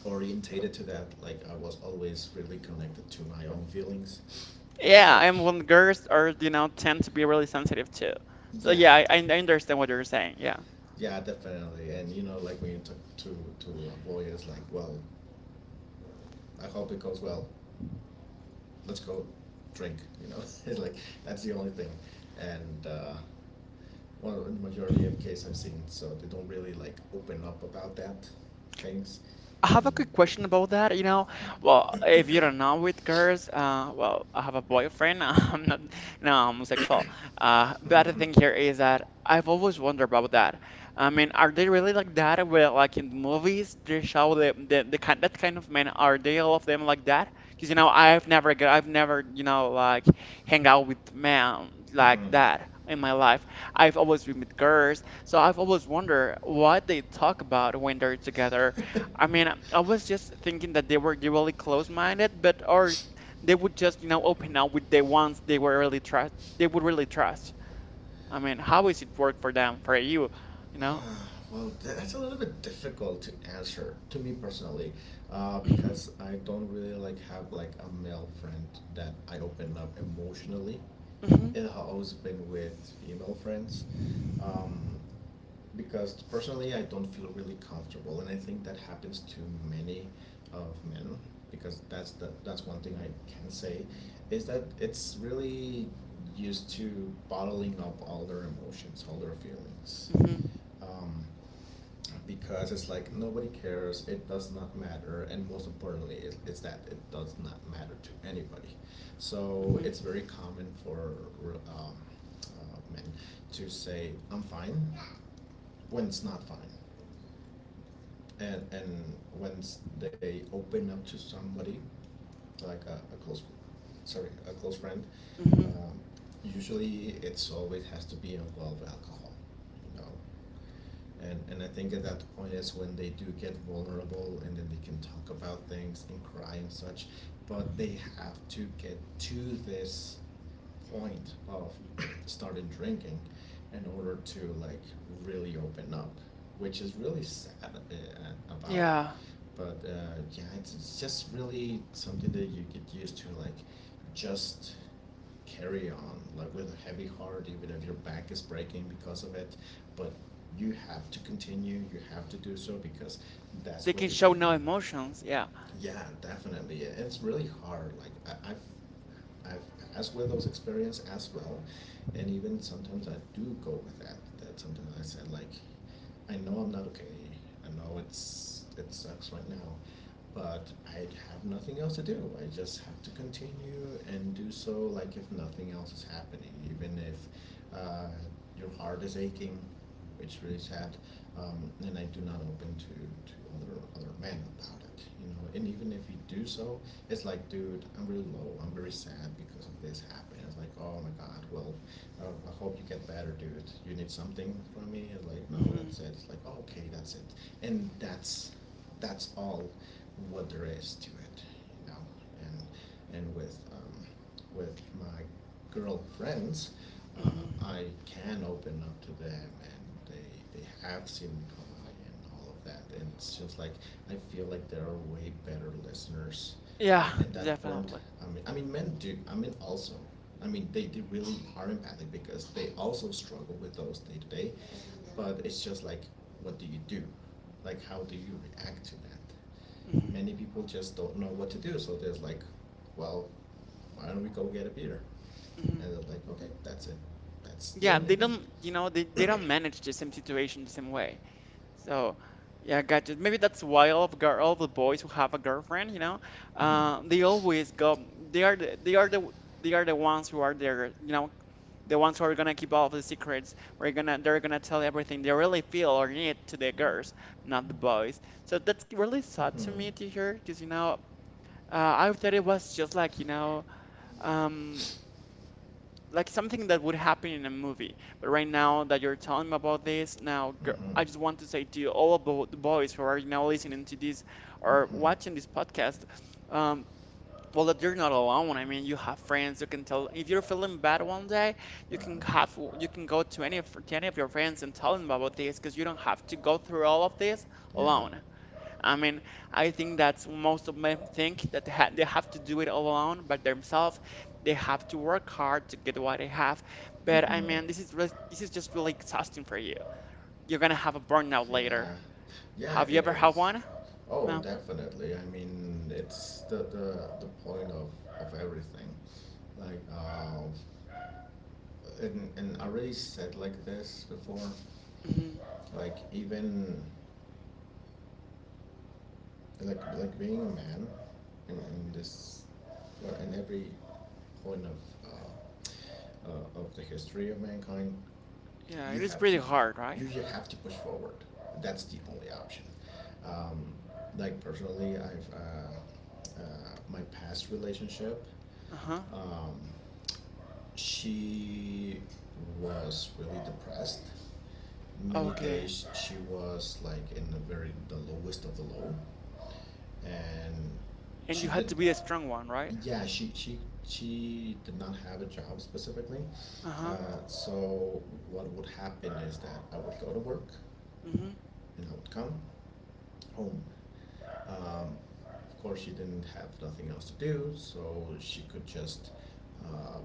Speaker 2: orientated to that. Like I was always really connected to my own feelings and
Speaker 1: Yeah, and
Speaker 2: such.
Speaker 1: when girls are, you know, tend to be really sensitive too. So
Speaker 2: Yeah,
Speaker 1: yeah, I understand what you're saying. Yeah.
Speaker 2: yeah, definitely. And you know, like when you talk to a boy, it's like, well, I hope it goes well. Let's go drink. You know, it's like that's the only thing. And well, in the majority of cases I've seen, so they don't really like open up about that things,
Speaker 1: I have a
Speaker 2: and
Speaker 1: quick question about that. You know, well, if you don't know with girls, well, I have a boyfriend. I'm not, no, I'm homosexual. But the thing here is that I've always wondered about that. I mean, are they really like that? Where like in the movies, they show the kind of men. Are they all of them like that? Because you know, I've never, you know, like hang out with men like
Speaker 2: hmm.
Speaker 1: that in my life. I've always been with girls, so I've always wondered what they talk about when they're together. I mean, I was just thinking that they were really close-minded, but or they would just, you know, open up with the ones they were really trust. They would really trust. I mean, how is it work for them, for you? You know?
Speaker 2: Ah, well, that's a little bit difficult to answer to me personally,
Speaker 1: Mhm,
Speaker 2: because I don't really like have like a male friend that I open up emotionally.
Speaker 1: mhm,
Speaker 2: It has always been with female friends. um, because personally I don't feel really comfortable, and I think that happens to many of men, because that's the, that's one thing I can say is that it's really used to bottling up all their emotions, all their feelings.
Speaker 1: mhm,
Speaker 2: Um, because it's like nobody cares, it does not matter, and most importantly, it's that it does not matter to anybody. So it's
Speaker 1: mhm,
Speaker 2: very common for um, men to say I'm fine when it's not fine. And once they open up to somebody like a close, sorry, a close friend,
Speaker 1: mhm.
Speaker 2: um, usually it's always has to be involved alcohol, you know. And I think at that point is when they do get vulnerable and then they can talk about things and cry and such. But they have to get to this point of started drinking in order to like really open up, which is really sad about it.
Speaker 1: Yeah,
Speaker 2: But yeah, it's just really something that you get used to, like just carry on like with a heavy heart even if your back is breaking because of it, but you have to continue, you have to do so because
Speaker 1: they
Speaker 2: that's what
Speaker 1: can
Speaker 2: you do.
Speaker 1: show no emotions. Yeah.
Speaker 2: Yeah, definitely. It's really hard. Like I, I've, I've passed with those experience as well, and even sometimes I do go with that. That sometimes I said like, I know I'm not okay. I know it's it sucks right now, but I have nothing else to do. I just have to continue and do so. Like if nothing else is happening, even if uh, your heart is aching, it's really sad, and I do not open to, to other men about it, you know. And even if you do so, it's like, dude, I'm really low, I'm very sad because of this happened. It's like, oh my god, well, I hope you get better, dude. You need something from me? It's like, no,
Speaker 1: hmm
Speaker 2: that's it. It's like, oh, okay, that's it, and that's all what there is to it, you know. And and with my girlfriends, I
Speaker 1: hmm
Speaker 2: can open up to them, and they have seen me cry and all of that, and it's just like I feel like there are way better listeners,
Speaker 1: Yeah,
Speaker 2: and at that point,
Speaker 1: definitely.
Speaker 2: I mean, men do, I mean, also. I mean, they really are empathic because they also struggle with those day to day, but it's just like, what do you do? Like, how do you react to that?
Speaker 1: Hmm
Speaker 2: Many people just don't know what to do. So there's like, well, why don't we go get a beer?
Speaker 1: hmm
Speaker 2: And they're like, okay, that's it. That's the
Speaker 1: Yeah,
Speaker 2: only
Speaker 1: they
Speaker 2: thing.
Speaker 1: don't, you know, they don't manage the same situation the same way. So, yeah, gotcha. Maybe that's why all the boys who have a girlfriend, you know,
Speaker 2: Mm-hmm.
Speaker 1: they always go. They are the— they are the ones who are there, you know, the ones who are gonna keep all of the secrets. We're gonna they're gonna tell everything they really feel or need to the girls, not the boys. So that's really
Speaker 2: Mm-hmm.
Speaker 1: sad to me to hear, because you know, I thought it was just like you know, um, like something that would happen in a movie. But right now that you're telling me about this,
Speaker 2: Mm-hmm.
Speaker 1: I just want to say to you all about the boys who are now listening to this or
Speaker 2: Mm-hmm.
Speaker 1: watching this podcast, um, well, that you're not alone. I mean, you have friends. You can tell if you're feeling bad one day,
Speaker 2: Mm-hmm.
Speaker 1: you can go to any of your friends and tell them about this because you don't have to go through all of this
Speaker 2: Yeah.
Speaker 1: alone. I mean, I think that's most of men think that they have to do it all alone by themselves. They have to work hard to get what they have. But I
Speaker 2: Mm-hmm.
Speaker 1: mean, this is really, this is just really exhausting for you. You're gonna have a burnout later.
Speaker 2: Yeah. Yeah,
Speaker 1: Have you
Speaker 2: it
Speaker 1: ever had
Speaker 2: is.
Speaker 1: one?
Speaker 2: Oh,
Speaker 1: No.
Speaker 2: definitely. I mean, it's the point of everything. Like, and I already said like this before.
Speaker 1: hmm
Speaker 2: Like, even like being a man in this, well, in every point of the history of mankind,
Speaker 1: Yeah,
Speaker 2: you
Speaker 1: it is
Speaker 2: have to
Speaker 1: pretty hard, right?
Speaker 2: you have to push forward, that's the only option. um, like personally I've my past relationship,
Speaker 1: Uh-huh.
Speaker 2: um, she was really depressed, many
Speaker 1: Okay.
Speaker 2: days she was like in the very the lowest of the low, and
Speaker 1: And
Speaker 2: she
Speaker 1: you had
Speaker 2: didn't
Speaker 1: to be the strong one, right?
Speaker 2: yeah, she did not have a job specifically.
Speaker 1: Uh-huh.
Speaker 2: So what would happen is that I would go to work,
Speaker 1: Mm-hmm.
Speaker 2: and I would come home. Um, of course, she didn't have nothing else to do, so she could just, uh,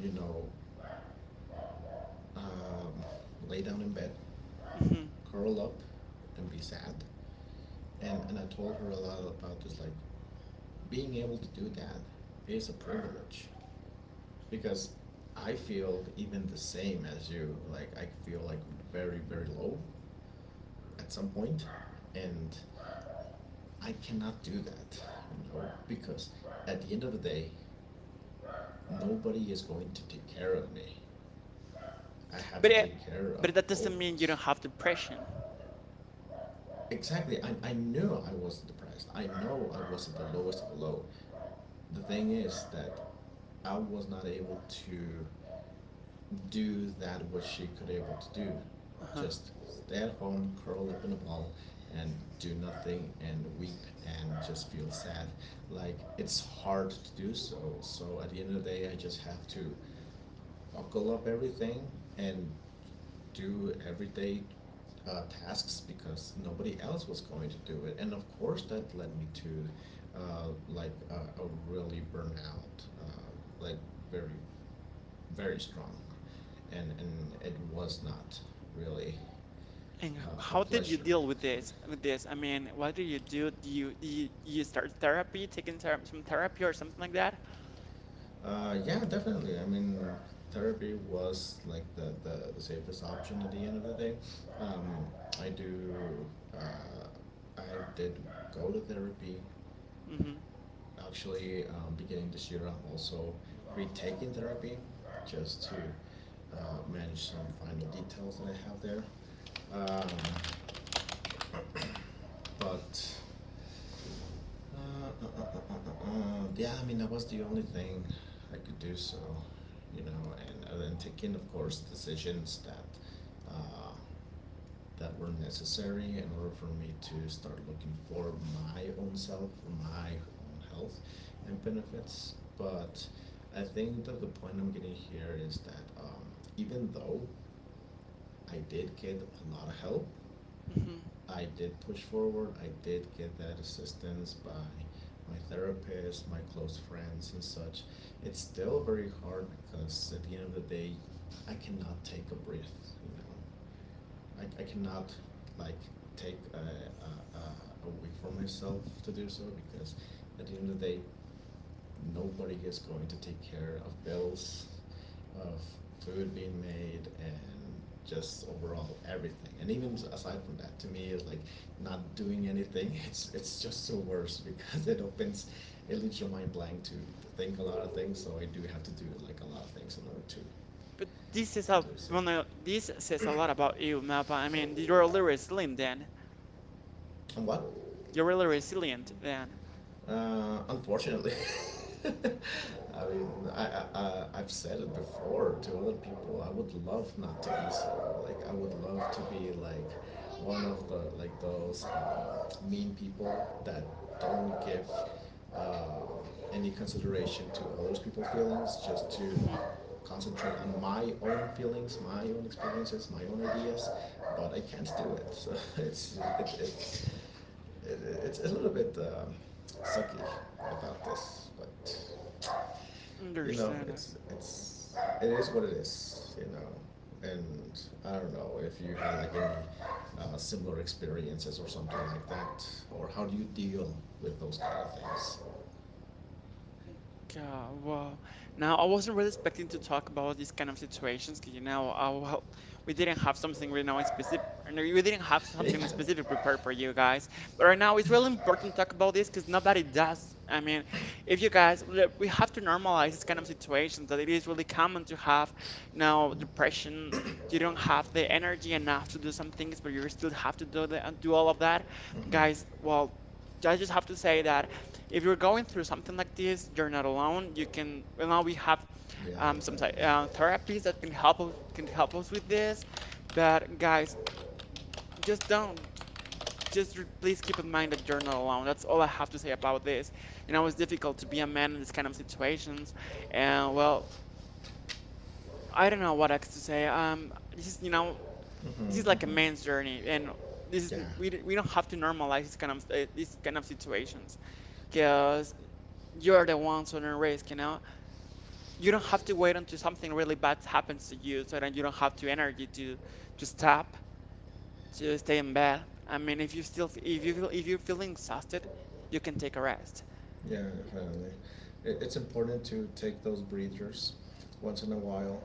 Speaker 2: you know, um, lay down in bed,
Speaker 1: Mm-hmm.
Speaker 2: curl up, and be sad. And I told her a lot about this, like being able to do that is a privilege because I feel even the same as you. Like I feel like very very low at some point, and I cannot do that, you know, because at the end of the day, nobody is going to take care of me. I have
Speaker 1: But
Speaker 2: to
Speaker 1: it,
Speaker 2: take care of
Speaker 1: but that
Speaker 2: both
Speaker 1: doesn't
Speaker 2: of
Speaker 1: mean you
Speaker 2: us.
Speaker 1: don't have depression.
Speaker 2: Exactly. I knew I was depressed. I know I was at the lowest of the low. The thing is that I was not able to do that which she could able to do.
Speaker 1: Uh-huh.
Speaker 2: Just stay at home, curl up in a ball, and do nothing and weep and just feel sad. Like it's hard to do so. So at the end of the day, I just have to buckle up everything and do everyday tasks because nobody else was going to do it. And of course, that led me to a really burnout, like very very strong, and it was not really
Speaker 1: And
Speaker 2: a
Speaker 1: how did you
Speaker 2: pleasure.
Speaker 1: deal with this? With this, I mean, what do you do? You start therapy, taking ther some therapy or something like that?
Speaker 2: Yeah, definitely. I mean, therapy was like the safest option at the end of the day. Um, I do, I did go to therapy.
Speaker 1: Hmm
Speaker 2: Actually, beginning this year, I'm also retaking therapy just to manage some final details that I have there. Um, but yeah, I mean that was the only thing I could do. So, you know, and taking, of course, decisions that that were necessary in order for me to start looking for my own self, for my own health and benefits. But I think that the point I'm getting here is that even though I did get a lot of help,
Speaker 1: hmm
Speaker 2: I did push forward. I did get that assistance by my therapist, my close friends, and such. It's still very hard because at the end of the day, I cannot take a breath. You know, I cannot like take a week for myself to do so because at the end of the day, nobody is going to take care of bills, of food being made, and just overall everything. And even aside from that, to me, is like not doing anything. It's just so worse because it opens, it leaves your mind blank to think a lot of things. So I do have to do like a lot of things in order to
Speaker 1: But this is
Speaker 2: to do so.
Speaker 1: this says a lot about you, Melba. I mean, you're really resilient then.
Speaker 2: And what
Speaker 1: You're really resilient then.
Speaker 2: Unfortunately, I mean, I've said it before to other people. I would love not to be so. Like, I would love to be like one of the like those mean people that don't give uh, any consideration to other people's feelings, just to
Speaker 1: Hmm
Speaker 2: concentrate on my own feelings, my own experiences, my own ideas. But I can't do it. So it, it's a little bit sucky about this, but you know,
Speaker 1: Understand.
Speaker 2: it's it is what it is, you know. And I don't know if you had like any similar experiences or something like that, or how do you deal with those kind of things?
Speaker 1: Yeah, well, now I wasn't really expecting to talk about these kind of situations because you know, well, we didn't have something right now in specific, no, we didn't have something
Speaker 2: Yeah.
Speaker 1: specific prepared for you guys. But right now, it's really important to talk about this because nobody does. I mean, if you guys, look, we have to normalize this kind of situations that it is really common to have now depression. You don't have the energy enough to do some things, but you still have to do do all of that,
Speaker 2: Hmm.
Speaker 1: guys. Well, I just have to say that if you're going through something like this, you're not alone. You can— well, now we have
Speaker 2: Yeah,
Speaker 1: some
Speaker 2: definitely.
Speaker 1: therapies that can help us with this. But guys, just don't just please keep in mind that you're not alone. That's all I have to say about this. You know, it's difficult to be a man in this kind of situations, and well, I don't know what else to say. This is you know this
Speaker 2: Hmm.
Speaker 1: is like a
Speaker 2: Hmm.
Speaker 1: man's journey, and this is
Speaker 2: Yeah.
Speaker 1: we don't have to normalize this kind of these kind of situations because you're the ones on the risk, you know. You don't have to wait until something really bad happens to you so that you don't have the energy to stop to stay in bed. I mean if you still if you feel if you're feeling exhausted you can take a rest.
Speaker 2: Yeah, definitely. It's important to take those breathers once in a while,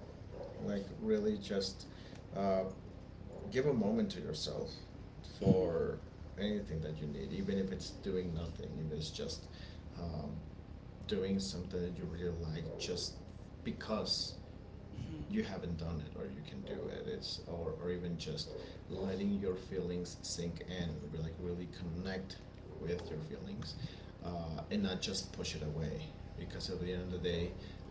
Speaker 2: like really just uh, give a moment to yourself
Speaker 1: Hmm
Speaker 2: for anything that you need, even if it's doing nothing, if it's just um, doing something that you really like, just because
Speaker 1: hmm
Speaker 2: you haven't done it or you can do it it's or even just letting your feelings sink in like really connect with your feelings, and not just push it away because at the end of the day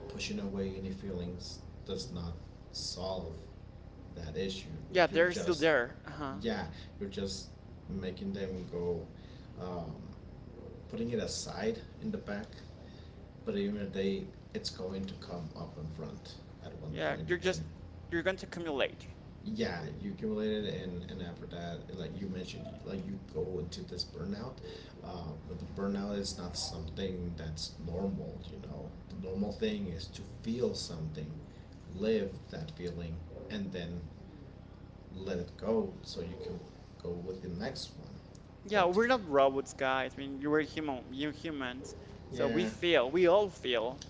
Speaker 2: pushing away any feelings does not solve that issue.
Speaker 1: Yeah,
Speaker 2: You're
Speaker 1: they're still
Speaker 2: just,
Speaker 1: there. Uh-huh.
Speaker 2: yeah, you're just making them go, um, putting it aside in the back, but even if they, it's going to come up in front at one
Speaker 1: yeah
Speaker 2: point.
Speaker 1: you're
Speaker 2: And
Speaker 1: just you're going to accumulate.
Speaker 2: yeah, you accumulated, and after that, like you mentioned, like you go into this burnout. But the burnout is not something that's normal. You know, the normal thing is to feel something, live that feeling, and then let it go, so you can go with the next one.
Speaker 1: Yeah,
Speaker 2: But
Speaker 1: we're not robots, guys. I mean, you humans, so we
Speaker 2: yeah,
Speaker 1: feel, we all feel.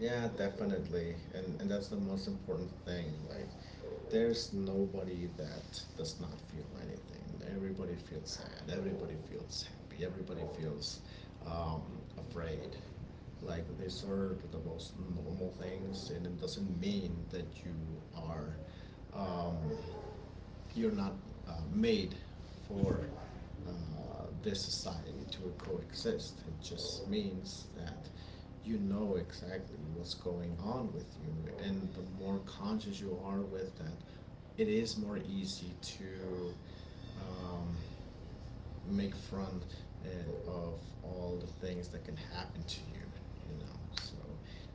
Speaker 2: yeah, definitely. And that's the most important thing. Like there's nobody that does not feel anything. Everybody feels sad. Everybody feels happy. Everybody feels um, afraid. Like these are the most normal things and it doesn't mean that you are um, you're not made for
Speaker 1: Hmm
Speaker 2: uh, this society to coexist. It just means that you know exactly what's going on with you, and the more conscious you are with that, it is more easy to um, make front and of all the things that can happen to you, you know. So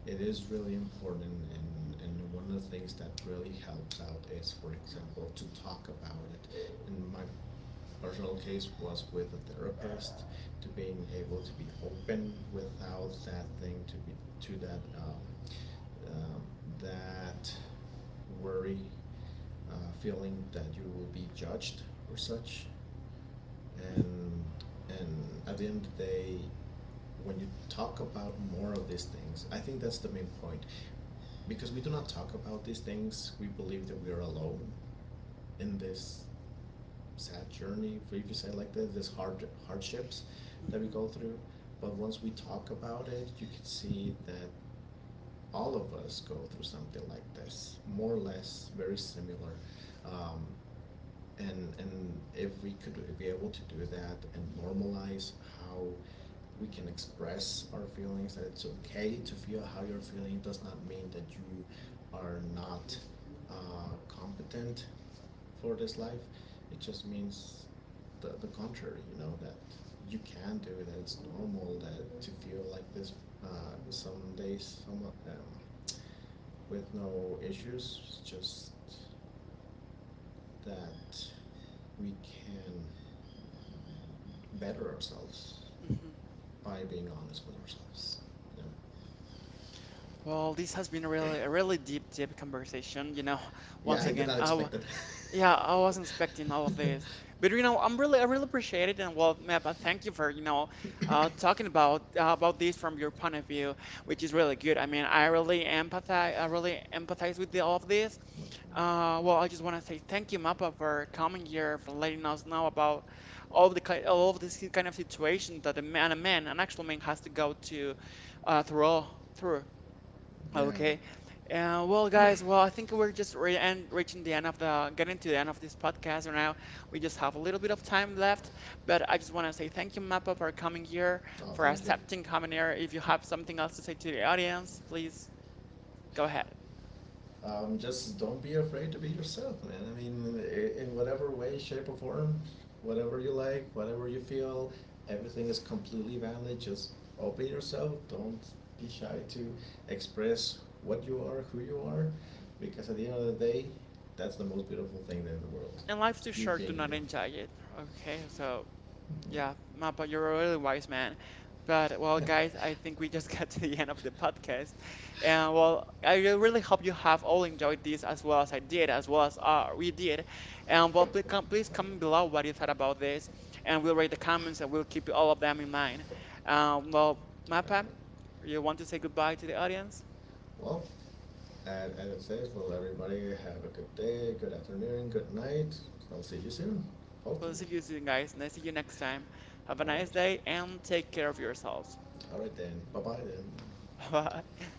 Speaker 2: it is really important, and one of the things that really helps out is for example to talk about it. And my personal case was with a therapist to being able to be open without that thing to be to that that worry, uh, feeling that you will be judged or such, and and at the end of the day when you talk about more of these things, I think that's the main point because we do not talk about these things. We believe that we are alone in this sad journey, if you say like that, this hard hardships that we
Speaker 1: hmm
Speaker 2: go through. But once we talk about it, you can see that all of us go through something like this more or less very similar, um, and if we could be able to do that and normalize how we can express our feelings, that it's okay to feel how you're feeling. It does not mean that you are not competent for this life. It just means the contrary, you know, that you can do it, that it's normal that to feel like this uh, some days, some, with no issues, just that we can better ourselves
Speaker 1: hmm
Speaker 2: by being honest with ourselves. You know?
Speaker 1: Well, this has been a really deep conversation, you know.
Speaker 2: Yeah,
Speaker 1: once
Speaker 2: I did
Speaker 1: again
Speaker 2: not
Speaker 1: I
Speaker 2: expect that.
Speaker 1: Yeah, I wasn't expecting all of this, but you know, I'm really, I really appreciate it, and well, Mepa, thank you for you know, talking about this from your point of view, which is really good. I mean, I really empathize with all of this. Well, I just want to say thank you, Mappa, for coming here, for letting us know about all of this kind of situation that a man, an actual man, has to go to, through all through.
Speaker 2: Yeah.
Speaker 1: Okay. Well, guys, well, I think we're just re and reaching the end of the getting to the end of this podcast right now. We just have a little bit of time left, but I just want to say thank you, Mappa, for coming here,
Speaker 2: Oh,
Speaker 1: for
Speaker 2: thank you.
Speaker 1: accepting coming here. If you have something else to say to the audience, please go ahead.
Speaker 2: Just don't be afraid to be yourself, man. I mean, in whatever way, shape, or form, whatever you like, whatever you feel, everything is completely valid. Just open yourself. Don't be shy to express what you are, who you are, because at the end of the day, that's the most beautiful thing in the world.
Speaker 1: And life's too
Speaker 2: You
Speaker 1: short to
Speaker 2: being
Speaker 1: not
Speaker 2: you.
Speaker 1: enjoy it. Okay, so. Yeah, Mappa, you're a really wise man. But well,
Speaker 2: Mhm. Definitely.
Speaker 1: guys, I think we just got to the end of the podcast. And well, I really hope you have all enjoyed this as well as I did, as well as we did. And well, please, please comment below what you thought about this, and we'll read the comments and we'll keep all of them in mind. Well, Mappa,
Speaker 2: Definitely.
Speaker 1: you want to say goodbye to the audience?
Speaker 2: Well, and it says, well, everybody have a good day, good afternoon, good night. I'll see you soon,
Speaker 1: We'll
Speaker 2: hopefully.
Speaker 1: see you soon, guys. And I see you next time. Have a
Speaker 2: All
Speaker 1: nice
Speaker 2: right.
Speaker 1: day and take care of yourselves.
Speaker 2: All right then. Bye bye then.
Speaker 1: Bye.